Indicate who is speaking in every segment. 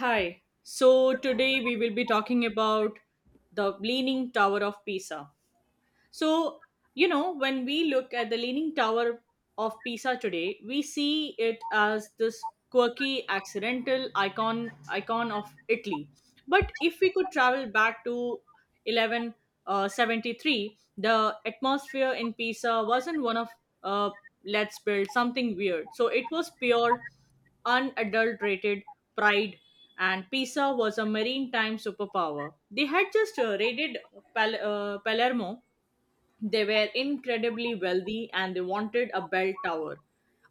Speaker 1: Hi. So today we will be talking about the Leaning Tower of Pisa. So, you know, when we look at the Leaning Tower of Pisa today, we see it as this quirky, accidental icon of Italy. But if we could travel back to 1173, the atmosphere in Pisa wasn't one of uh, let's build something weird. So it was pure, unadulterated pride, and Pisa was a maritime superpower. They had just raided Palermo. They were incredibly wealthy and they wanted a bell tower,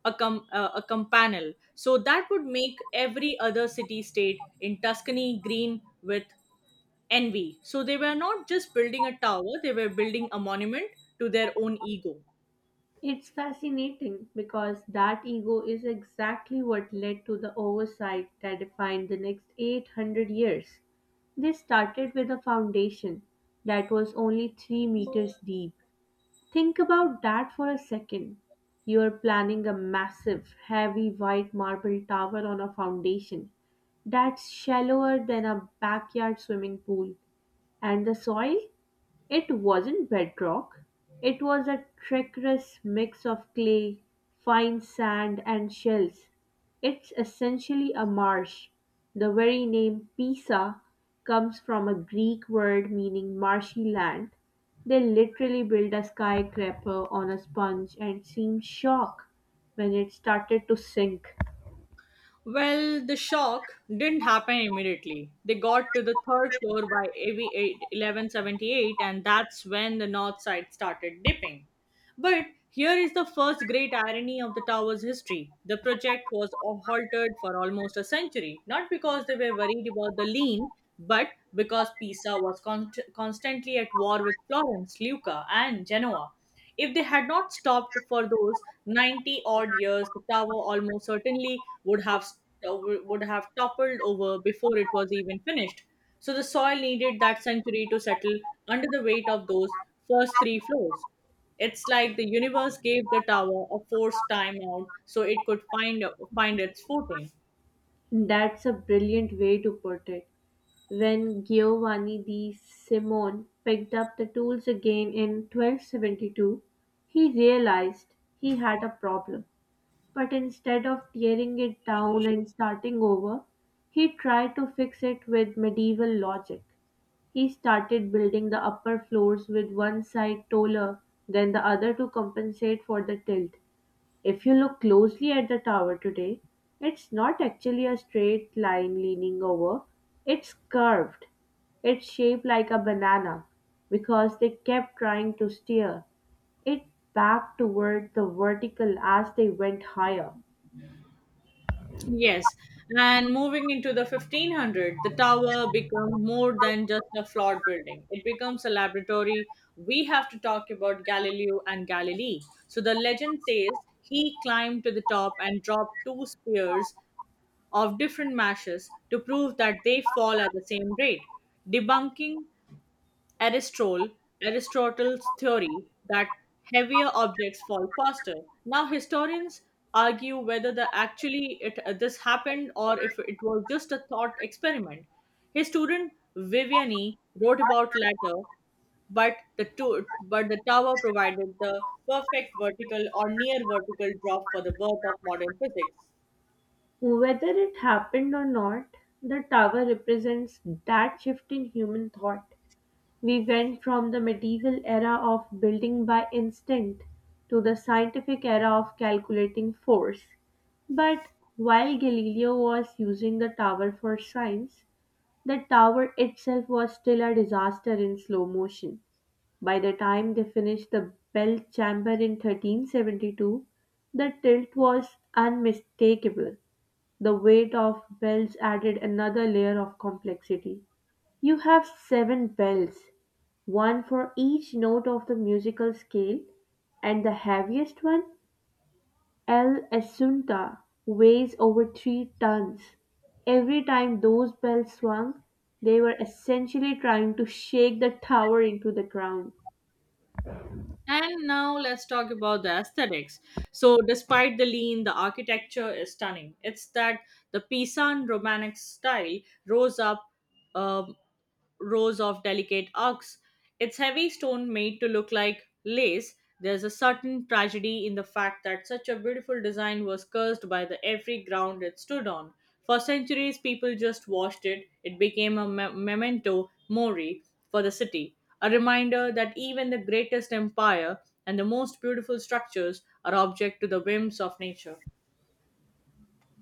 Speaker 1: a campanile. So that would make every other city state in Tuscany green with envy. So they were not just building a tower, they were building a monument to their own ego.
Speaker 2: It's fascinating because that ego is exactly what led to the oversight that defined the next 800 years. They started with a foundation that was only 3 meters deep. Think about that for a second. You're planning a massive, heavy white marble tower on a foundation that's shallower than a backyard swimming pool. And the soil? It wasn't bedrock, it was a treacherous mix of clay, fine sand, and shells. It's essentially a marsh. The very name Pisa comes from a Greek word meaning marshy land. They literally built a skyscraper on a sponge and seemed shocked when it started to sink.
Speaker 1: Well, the shock didn't happen immediately. They got to the third floor by AV eight eleven seventy eight, and that's when the north side started dipping. But here is the first great irony of the tower's history. The project was halted for almost a century, not because they were worried about the lean, but because Pisa was constantly at war with Florence, Lucca, and Genoa. If they had not stopped for those 90 odd years, the tower almost certainly would have toppled over before it was even finished. So the soil needed that century to settle under the weight of those first three floors. It's like the universe gave the tower a forced time out so it could find its footing.
Speaker 2: That's a brilliant way to put it. When Giovanni di Simone picked up the tools again in 1272, he realized he had a problem. But instead of tearing it down and starting over, he tried to fix it with medieval logic. He started building the upper floors with one side taller than the other to compensate for the tilt. If you look closely at the tower today, it's not actually a straight line leaning over, it's curved. It's shaped like a banana because they kept trying to steer it back toward the vertical as they went higher.
Speaker 1: Yes, and moving into the 1500, the tower becomes more than just a flawed building. It becomes a laboratory. We have to talk about Galileo and Galilei. So the legend says he climbed to the top and dropped two spears of different mashes to prove that they fall at the same rate, debunking Aristotle, Aristotle's theory that heavier objects fall faster. Now historians argue whether this happened or if it was just a thought experiment. His student Viviani wrote about latter, but the tower provided the perfect vertical or near vertical drop for the birth of modern physics.
Speaker 2: Whether it happened or not, the tower represents that shift in human thought. We went from the medieval era of building by instinct to the scientific era of calculating force. But while Galileo was using the tower for science, the tower itself was still a disaster in slow motion. By the time they finished the bell chamber in 1372, the tilt was unmistakable. The weight of bells added another layer of complexity. You have seven bells, one for each note of the musical scale, and the heaviest one, El Asunta, weighs over three tons. Every time those bells swung, they were essentially trying to shake the tower into the ground.
Speaker 1: And now let's talk about the aesthetics. So, despite the lean, the architecture is stunning. It's that the Pisan Romantic style rose up. Um, Rows of delicate arcs, its heavy stone made to look like lace. There's a certain tragedy in the fact that such a beautiful design was cursed by the every ground it stood on. For centuries, people just washed it. It became a memento mori for the city, a reminder that even the greatest empire and the most beautiful structures are object to the whims of nature.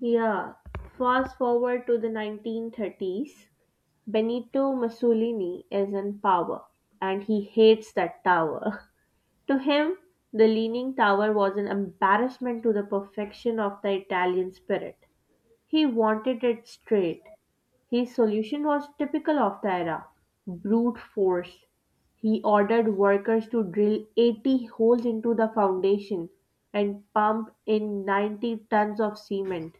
Speaker 2: Yeah, fast forward to the 1930s. Benito Mussolini is in power and he hates that tower. To him, the leaning tower was an embarrassment to the perfection of the Italian spirit. He wanted it straight. His solution was typical of the era: brute force. He ordered workers to drill 80 holes into the foundation and pump in 90 tons of cement.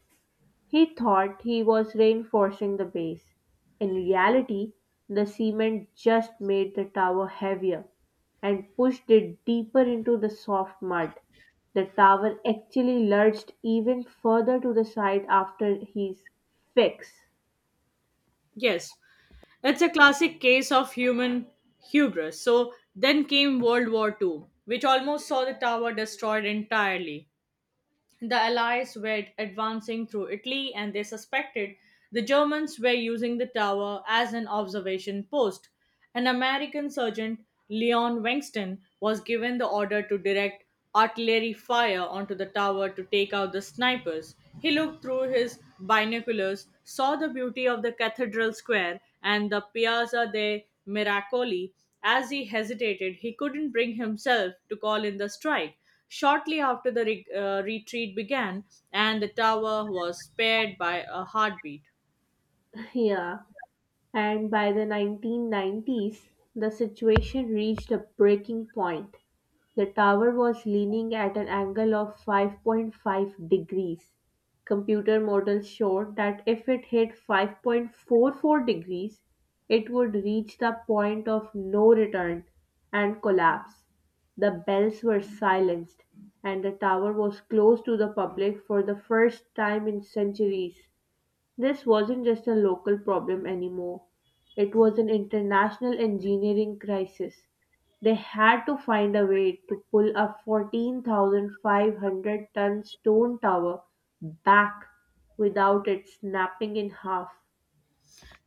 Speaker 2: He thought he was reinforcing the base; in reality, the cement just made the tower heavier and pushed it deeper into the soft mud. The tower actually lurched even further to the side after his fix.
Speaker 1: Yes, it's a classic case of human hubris. So then came World War Two, which almost saw the tower destroyed entirely. The Allies were advancing through Italy and they suspected the Germans were using the tower as an observation post. An American sergeant, Leon Wengston, was given the order to direct artillery fire onto the tower to take out the snipers. He looked through his binoculars, saw the beauty of the cathedral square and the Piazza dei Miracoli. As he hesitated, he couldn't bring himself to call in the strike. Shortly after, retreat began, and the tower was spared by a heartbeat.
Speaker 2: Yeah, and by the 1990s, the situation reached a breaking point. The tower was leaning at an angle of 5.5 degrees. Computer models showed that if it hit 5.44 degrees, it would reach the point of no return and collapse. The bells were silenced, and the tower was closed to the public for the first time in centuries. This wasn't just a local problem anymore, it was an international engineering crisis. They had to find a way to pull a 14,500 ton stone tower back without it snapping in half.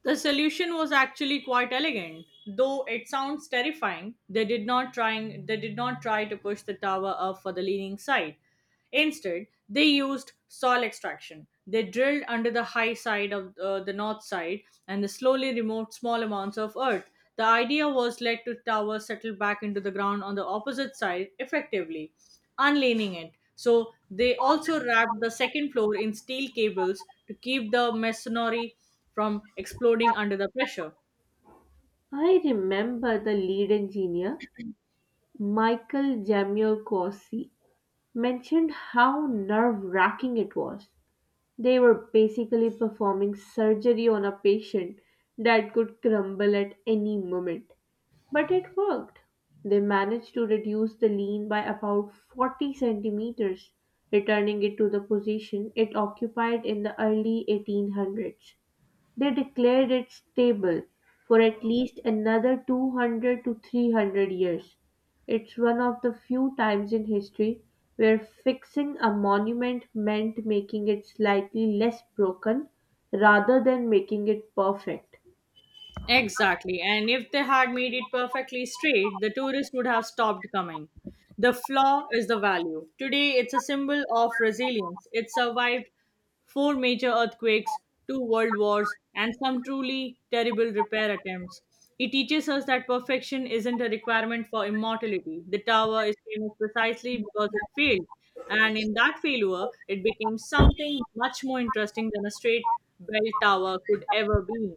Speaker 1: The solution was actually quite elegant, though it sounds terrifying. They did not try to push the tower up for the leaning side. Instead, they used soil extraction. They drilled under the high side of the north side, and they slowly removed small amounts of earth. The idea was let the tower settle back into the ground on the opposite side effectively, unleaning it. So they also wrapped the second floor in steel cables to keep the masonry from exploding under the pressure.
Speaker 2: I remember the lead engineer, Michael Jamiroquai, mentioned how nerve wracking it was. They were basically performing surgery on a patient that could crumble at any moment. But it worked. They managed to reduce the lean by about 40 centimeters, returning it to the position it occupied in the early 1800s. They declared it stable for at least another 200 to 300 years. It's one of the few times in history where fixing a monument meant making it slightly less broken rather than making it perfect.
Speaker 1: Exactly. And if they had made it perfectly straight, the tourists would have stopped coming. The flaw is the value. Today, it's a symbol of resilience. It survived four major earthquakes, two world wars, and some truly terrible repair attempts. It teaches us that perfection isn't a requirement for immortality. The tower is famous precisely because it failed. And in that failure, it became something much more interesting than a straight bell tower could ever be.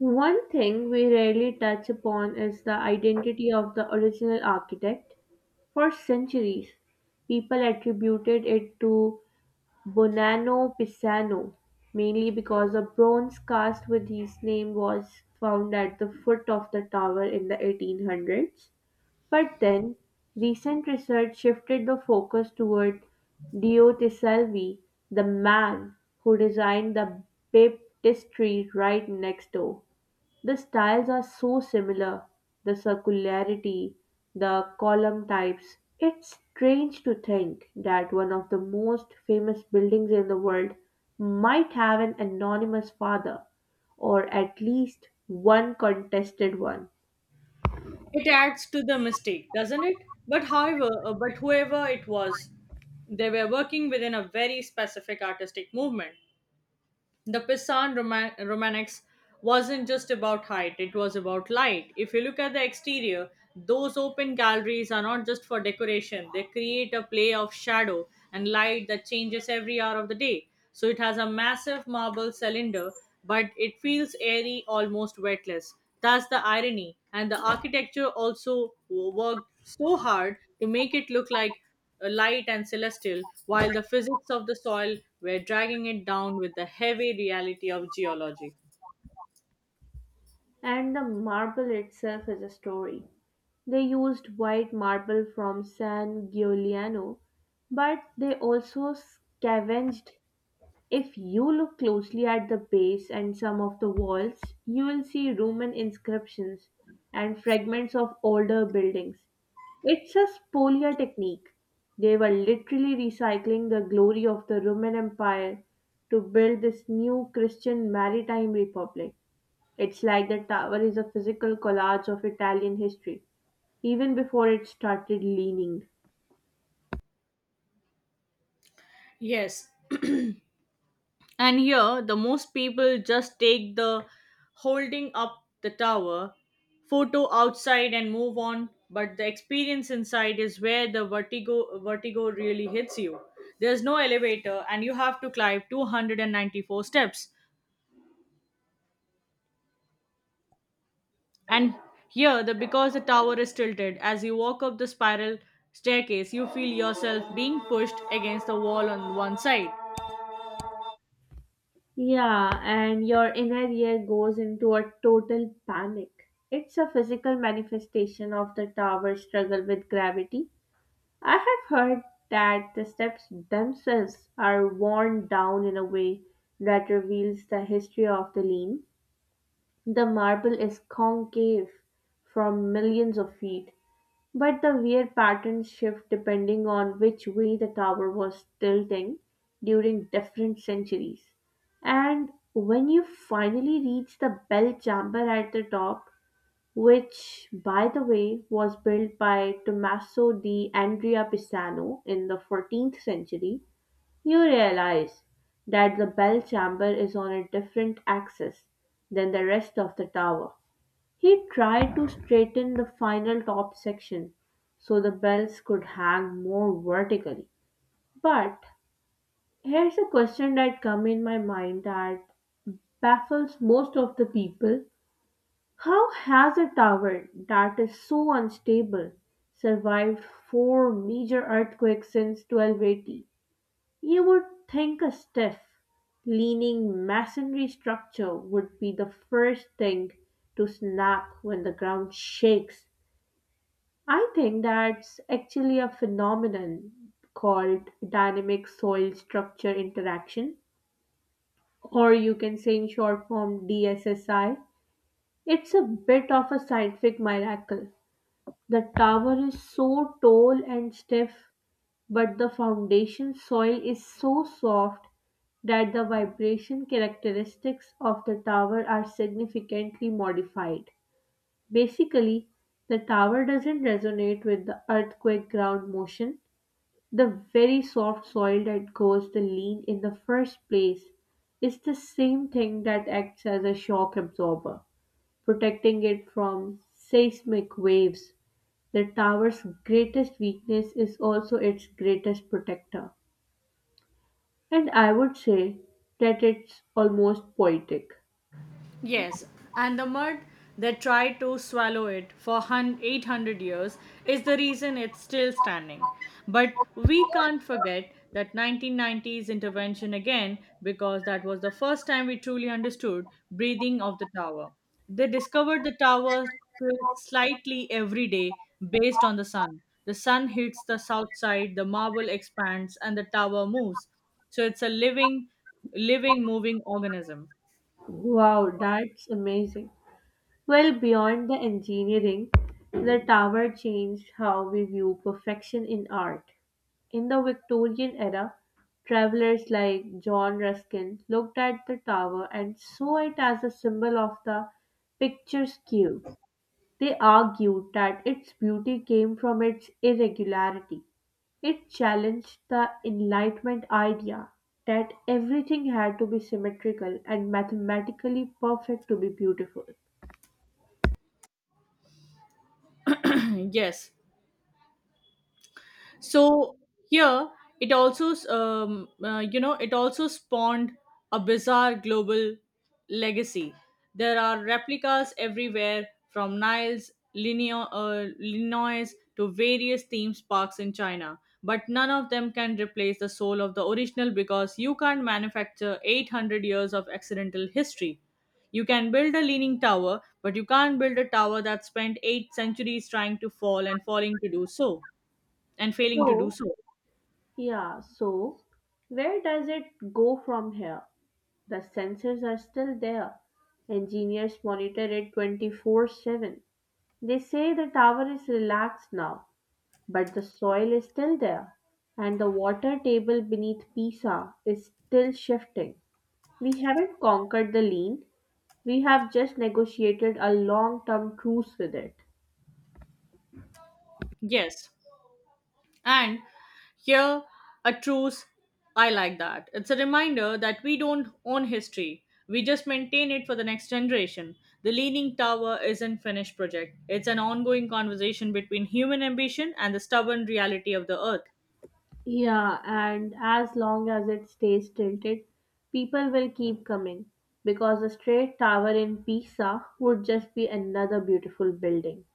Speaker 2: One thing we rarely touch upon is the identity of the original architect. For centuries, people attributed it to Bonanno Pisano, mainly because a bronze cast with his name was found at the foot of the tower in the 1800s. But then, recent research shifted the focus toward Diotisalvi, the man who designed the baptistry right next door. The styles are so similar, the circularity, the column types. It's strange to think that one of the most famous buildings in the world might have an anonymous father, or at least one contested one.
Speaker 1: It adds to the mistake, doesn't it? But whoever it was, they were working within a very specific artistic movement, the Pisan Romanex wasn't just about height, it was about light. If you look at the exterior, those open galleries are not just for decoration, they create a play of shadow and light that changes every hour of the day. So it has a massive marble cylinder, but it feels airy, almost weightless. That's the irony. And the architecture also worked so hard to make it look like light and celestial, while the physics of the soil were dragging it down with the heavy reality of geology.
Speaker 2: And the marble itself is a story. They used white marble from San Giuliano, but they also scavenged. If you look closely at the base and some of the walls, you will see Roman inscriptions and fragments of older buildings. It's a spolia technique. They were literally recycling the glory of the Roman Empire to build this new Christian maritime republic. It's like the tower is a physical collage of Italian history, even before it started leaning.
Speaker 1: Yes, and here the most people just take the holding up the tower photo outside and move on, but the experience inside is where the vertigo really hits you. There's no elevator and you have to climb 294 steps. And here, the because the tower is tilted, as you walk up the spiral staircase, you feel yourself being pushed against the wall on one side.
Speaker 2: Yeah, and your inner ear goes into a total panic. It's a physical manifestation of the tower's struggle with gravity. I have heard that the steps themselves are worn down in a way that reveals the history of the lean. The marble is concave from millions of feet, but the wear patterns shift depending on which way the tower was tilting during different centuries. And when you finally reach the bell chamber at the top, which, by the way, was built by Tommaso di Andrea Pisano in the 14th century, you realize that the bell chamber is on a different axis than the rest of the tower. He tried to straighten the final top section so the bells could hang more vertically. But here's a question that come in my mind that baffles most of the people. How has a tower that is so unstable survived four major earthquakes since 1280? You would think a stiff, leaning masonry structure would be the first thing to snap when the ground shakes. I think that's actually a phenomenon called dynamic soil structure interaction, or you can say in short form DSSI. It's a bit of a scientific miracle. The tower is so tall and stiff, but the foundation soil is so soft that the vibration characteristics of the tower are significantly modified. Basically, the tower doesn't resonate with the earthquake ground motion. The very soft soil that goes the lean in the first place is the same thing that acts as a shock absorber, protecting it from seismic waves. The tower's greatest weakness is also its greatest protector. And I would say that it's almost poetic.
Speaker 1: Yes, and the mud that tried to swallow it for 800 years is the reason it's still standing. But we can't forget that 1990s intervention again, because that was the first time we truly understood breathing of the tower. They discovered the tower tilts slightly every day based on the sun. The sun hits the south side, the marble expands and the tower moves. So it's a living moving organism.
Speaker 2: Wow, that's amazing. Well, beyond the engineering, the tower changed how we view perfection in art. In the Victorian era, travelers like John Ruskin looked at the tower and saw it as a symbol of the picturesque. They argued that its beauty came from its irregularity. It challenged the Enlightenment idea that everything had to be symmetrical and mathematically perfect to be beautiful.
Speaker 1: Yes. So here, it also spawned a bizarre global legacy. There are replicas everywhere from Niles, Illinois, to various theme parks in China. But none of them can replace the soul of the original because you can't manufacture 800 years of accidental history. You can build a leaning tower, but you can't build a tower that spent eight centuries trying to fall and falling to do so and failing to do
Speaker 2: So,
Speaker 1: so.
Speaker 2: yeah, so where does it go from here? The sensors are still there. Engineers monitor it 24/7. They say the tower is relaxed now, but the soil is still there, and the water table beneath Pisa is still shifting. We haven't conquered the lean, we have just negotiated a long term truce with it.
Speaker 1: Yes. And here, a truce, I like that. It's a reminder that we don't own history. We just maintain it for the next generation. The Leaning Tower isn't finished project. It's an ongoing conversation between human ambition and the stubborn reality of the earth.
Speaker 2: Yeah, and as long as it stays tilted, people will keep coming because a straight tower in Pisa would just be another beautiful building.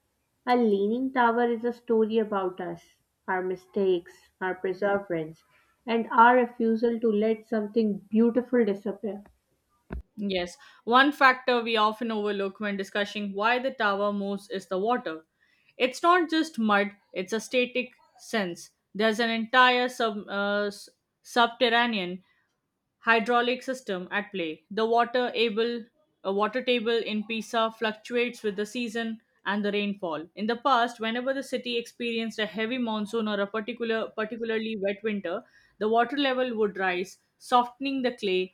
Speaker 2: A leaning tower is a story about us, our mistakes, our perseverance, and our refusal to let something beautiful disappear.
Speaker 1: Yes, one factor we often overlook when discussing why the tower moves is the water. It's not just mud, it's a static sense. There's an entire subterranean hydraulic system at play. The water able a water table in Pisa fluctuates with the season and the rainfall. In the past, whenever the city experienced a heavy monsoon or a particularly wet winter, the water level would rise, softening the clay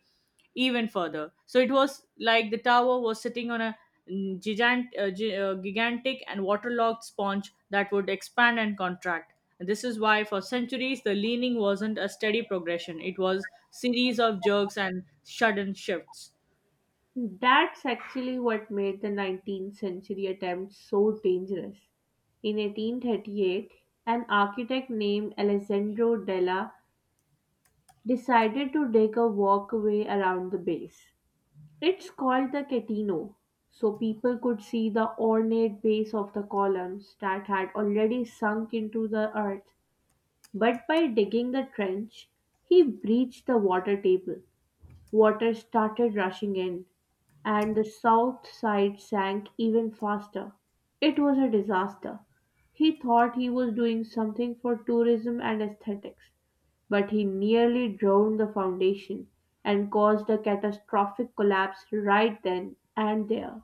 Speaker 1: even further. So it was like the tower was sitting on a gigantic and waterlogged sponge that would expand and contract. This is why, for centuries, the leaning wasn't a steady progression. It was series of jerks and sudden shifts.
Speaker 2: That's actually what made the 19th century attempt so dangerous. In 1838, an architect named Alessandro della decided to dig a walkway around the base. It's called the Catino, so people could see the ornate base of the columns that had already sunk into the earth. But by digging the trench, he breached the water table. Water started rushing in, and the south side sank even faster. It was a disaster. He thought he was doing something for tourism and aesthetics, but he nearly drowned the foundation and caused a catastrophic collapse right then and there.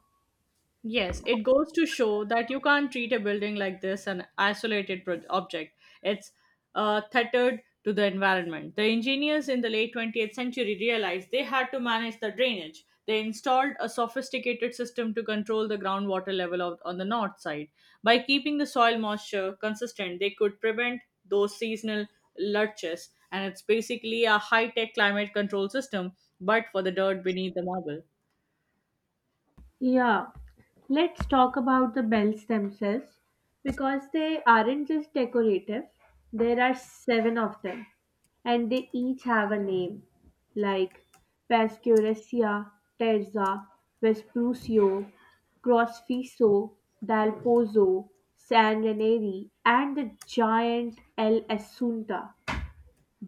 Speaker 1: Yes, it goes to show that you can't treat a building like this an isolated object. It's tethered to the environment. The engineers in the late 20th century realized they had to manage the drainage. They installed a sophisticated system to control the groundwater level on the north side. By keeping the soil moisture consistent, they could prevent those seasonal lurches, and it's basically a high tech climate control system, but for the dirt beneath the marble.
Speaker 2: Yeah, let's talk about the bells themselves because they aren't just decorative, there are seven of them and they each have a name like Pascuresia, Terza, Vesprusio, Crosfiso, Dal Pozzo, San Ranieri, and the giant El Assunta.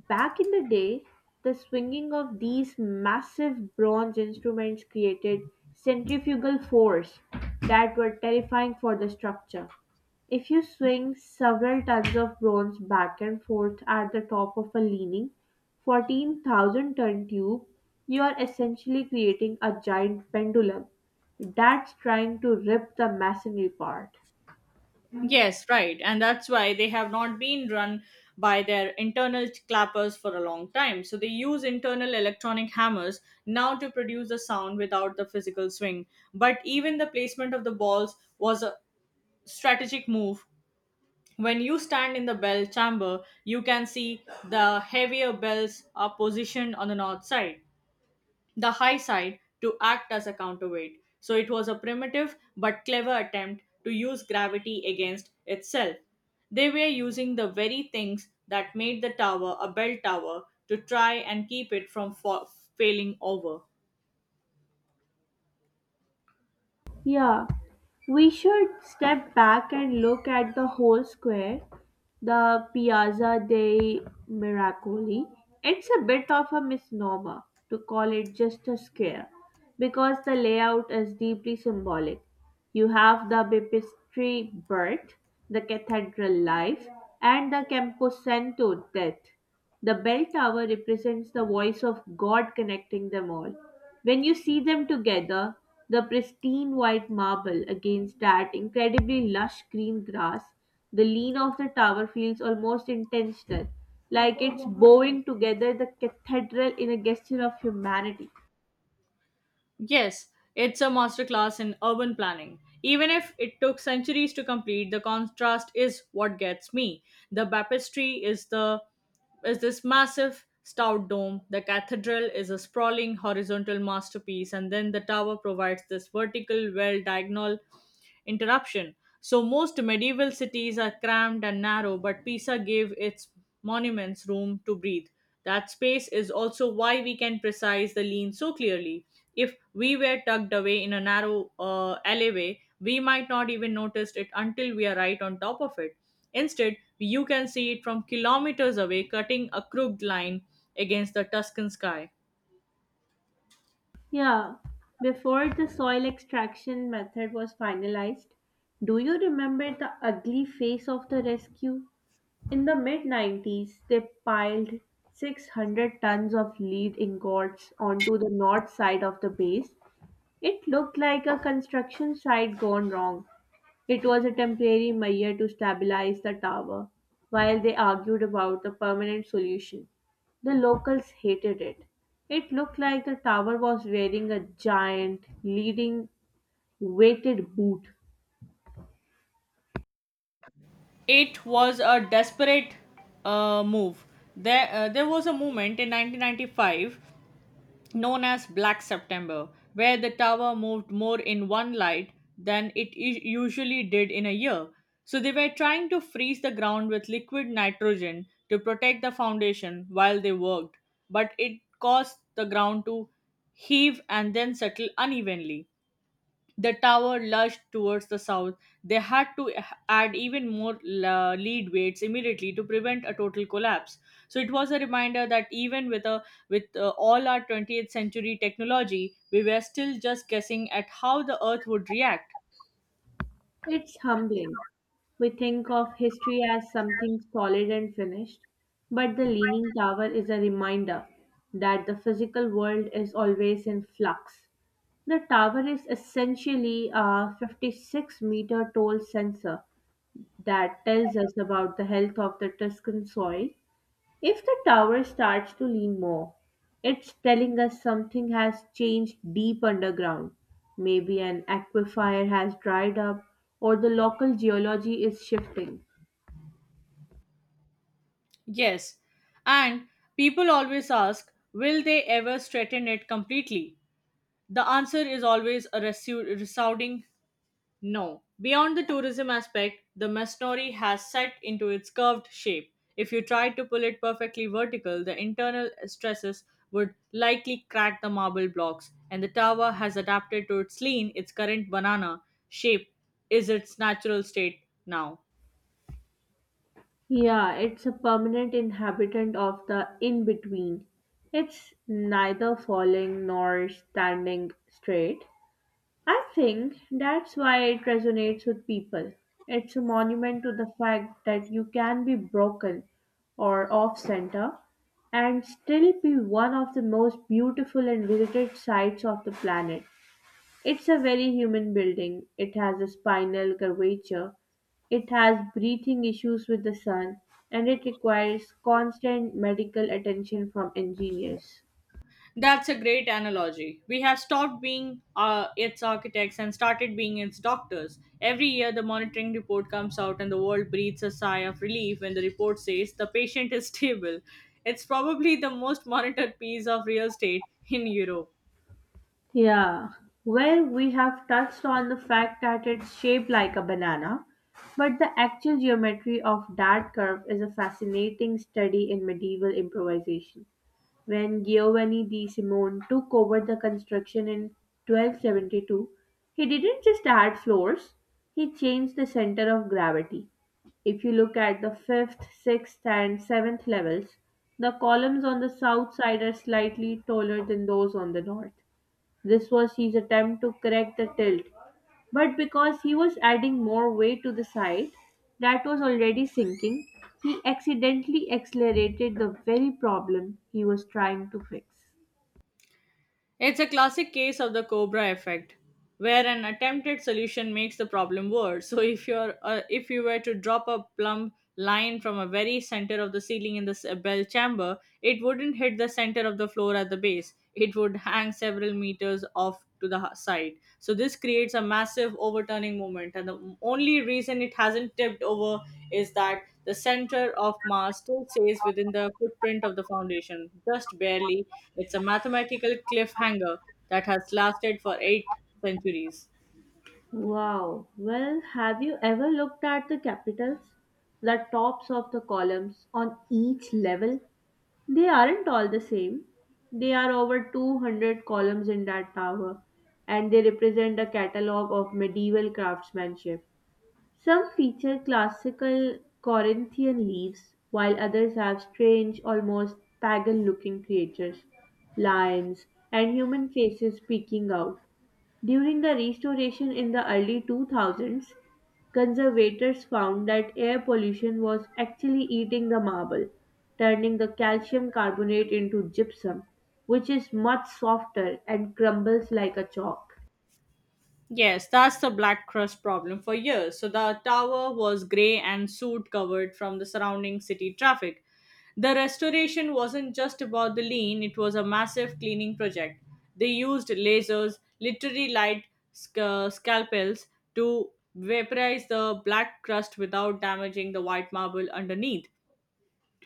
Speaker 2: Back in the day, the swinging of these massive bronze instruments created centrifugal force that were terrifying for the structure. If you swing several tons of bronze back and forth at the top of a leaning 14,000 ton tube, you are essentially creating a giant pendulum that's trying to rip the masonry apart.
Speaker 1: Yes, right. And that's why they have not been run by their internal clappers for a long time. So they use internal electronic hammers now to produce the sound without the physical swing. But even the placement of the balls was a strategic move. When you stand in the bell chamber, you can see the heavier bells are positioned on the north side, the high side, to act as a counterweight. So it was a primitive but clever attempt to use gravity against itself. They were using the very things that made the tower a bell tower to try and keep it from failing over.
Speaker 2: Yeah, we should step back and look at the whole square, the Piazza dei Miracoli. It's a bit of a misnomer to call it just a square because the layout is deeply symbolic. You have the Baptistery birth, the cathedral life, and the Camposanto death. The bell tower represents the voice of God connecting them all. When you see them together, the pristine white marble against that incredibly lush green grass, the lean of the tower feels almost intentional, like it's bowing together the cathedral in a gesture of humanity.
Speaker 1: Yes, it's a masterclass in urban planning. Even if it took centuries to complete, the contrast is what gets me. The baptistry is this massive stout dome. The cathedral is a sprawling horizontal masterpiece, and then the tower provides this vertical, well diagonal, interruption. So most medieval cities are crammed and narrow, but Pisa gave its monuments room to breathe. That space is also why we can precise the lean so clearly. If we were tucked away in a narrow alleyway, we might not even notice it until we are right on top of it. Instead, you can see it from kilometers away, cutting a crooked line against the Tuscan sky.
Speaker 2: Yeah, before the soil extraction method was finalized, do you remember the ugly face of the rescue? In the mid 90s, they piled 600 tons of lead ingots onto the north side of the base. It looked like a construction site gone wrong. It was a temporary measure to stabilize the tower, while they argued about a permanent solution. The locals hated it. It looked like the tower was wearing a giant, leading weighted boot.
Speaker 1: It was a desperate move. There was a moment in 1995 known as Black September, where the tower moved more in one light than it usually did in a year. So they were trying to freeze the ground with liquid nitrogen to protect the foundation while they worked, but it caused the ground to heave and then settle unevenly. The tower lurched towards the south. They had to add even more lead weights immediately to prevent a total collapse. So it was a reminder that even with a with all our 20th century technology, we were still just guessing at how the Earth would react.
Speaker 2: It's humbling. We think of history as something solid and finished, but the Leaning Tower is a reminder that the physical world is always in flux. The tower is essentially a 56-meter tall sensor that tells us about the health of the Tuscan soil. If the tower starts to lean more, it's telling us something has changed deep underground. Maybe an aquifer has dried up or the local geology is shifting.
Speaker 1: Yes, and people always ask, will they ever straighten it completely? The answer is always a resounding no. Beyond the tourism aspect, the Masnori has set into its curved shape. If you tried to pull it perfectly vertical, the internal stresses would likely crack the marble blocks, and the tower has adapted to its lean. Its current banana shape is its natural state now.
Speaker 2: Yeah, it's a permanent inhabitant of the in between. It's neither falling nor standing straight. I think that's why it resonates with people. It's a monument to the fact that you can be broken or off center and still be one of the most beautiful and visited sites of the planet. It's a very human building. It has a spinal curvature, it has breathing issues with the sun, and it requires constant medical attention from engineers.
Speaker 1: That's a great analogy. We have stopped being its architects and started being its doctors. Every year, the monitoring report comes out, and the world breathes a sigh of relief when the report says the patient is stable. It's probably the most monitored piece of real estate in Europe.
Speaker 2: Yeah, well, we have touched on the fact that it's shaped like a banana, but the actual geometry of that curve is a fascinating study in medieval improvisation. When Giovanni di Simone took over the construction in 1272, he didn't just add floors, he changed the center of gravity. If you look at the fifth, sixth, and seventh levels, the columns on the south side are slightly taller than those on the north. This was his attempt to correct the tilt, but because he was adding more weight to the side that was already sinking, he accidentally accelerated the very problem he was trying to fix.
Speaker 1: It's a classic case of the cobra effect, where an attempted solution makes the problem worse. So If you were to drop a plumb line from a very center of the ceiling in the bell chamber, it wouldn't hit the center of the floor at the base. It would hang several meters off to the side. So this creates a massive overturning moment, and the only reason it hasn't tipped over is that the center of mass still stays within the footprint of the foundation, just barely. It's a mathematical cliffhanger that has lasted for 8 centuries.
Speaker 2: Wow. Well, have you ever looked at the capitals? The tops of the columns on each level? They aren't all the same. There are over 200 columns in that tower, and they represent a catalogue of medieval craftsmanship. Some feature classical Corinthian leaves, while others have strange, almost pagan-looking creatures, lions, and human faces peeking out. During the restoration in the early 2000s, conservators found that air pollution was actually eating the marble, turning the calcium carbonate into gypsum, which is much softer and crumbles like a chalk.
Speaker 1: Yes, that's the black crust problem for years. So the tower was grey and soot covered from the surrounding city traffic. The restoration wasn't just about the lean, it was a massive cleaning project. They used lasers, literally light scalpels, to vaporize the black crust without damaging the white marble underneath.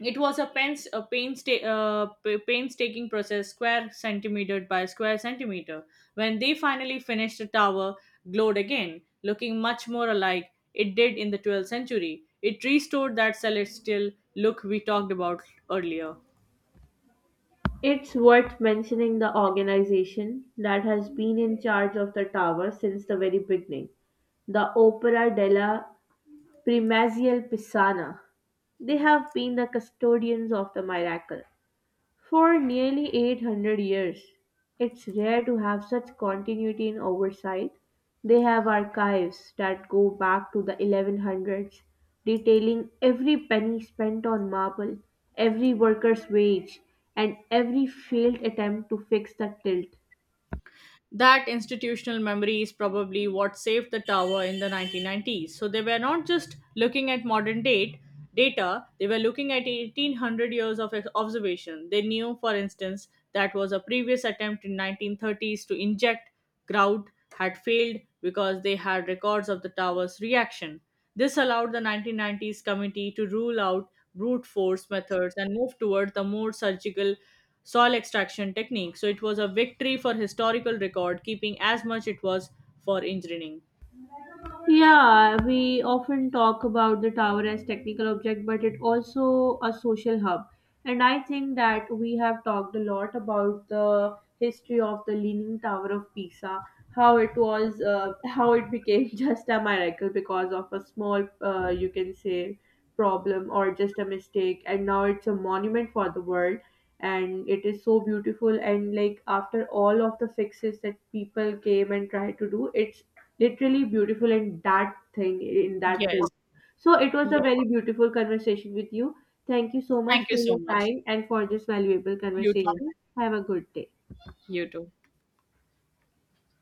Speaker 1: It was a painstaking process, square centimeter by square centimeter. When they finally finished, the tower glowed again, looking much more alike it did in the 12th century. It restored that celestial look we talked about earlier.
Speaker 2: It's worth mentioning the organization that has been in charge of the tower since the very beginning, the Opera della Primazia Pisana. They have been the custodians of the miracle. For nearly 800 years, it's rare to have such continuity in oversight. They have archives that go back to the 1100s, detailing every penny spent on marble, every worker's wage, and every failed attempt to fix the tilt.
Speaker 1: That institutional memory is probably what saved the tower in the 1990s. So they were not just looking at modern date data, they were looking at 1800 years of observation. They knew, for instance, that was a previous attempt in 1930s to inject grout had failed because they had records of the tower's reaction. This allowed the 1990s committee to rule out brute force methods and move toward the more surgical soil extraction technique. So it was a victory for historical record keeping as much it was for engineering.
Speaker 2: Yeah, we often talk about the tower as technical object, but it also a social hub. And I think that we have talked a lot about the history of the Leaning Tower of Pisa, how it was, how it became just a miracle because of a small, you can say, problem or just a mistake, and now it's a monument for the world. And it is so beautiful, and like after all of the fixes that people came and tried to do, it's literally beautiful in that thing in that time.
Speaker 1: Yes.
Speaker 2: So it was a
Speaker 1: Yes.
Speaker 2: very beautiful conversation with you. Thank you so much
Speaker 1: Thank you
Speaker 2: for
Speaker 1: so
Speaker 2: your
Speaker 1: much.
Speaker 2: time and for this valuable
Speaker 1: You too.
Speaker 2: conversation. Have a good day.
Speaker 1: You too.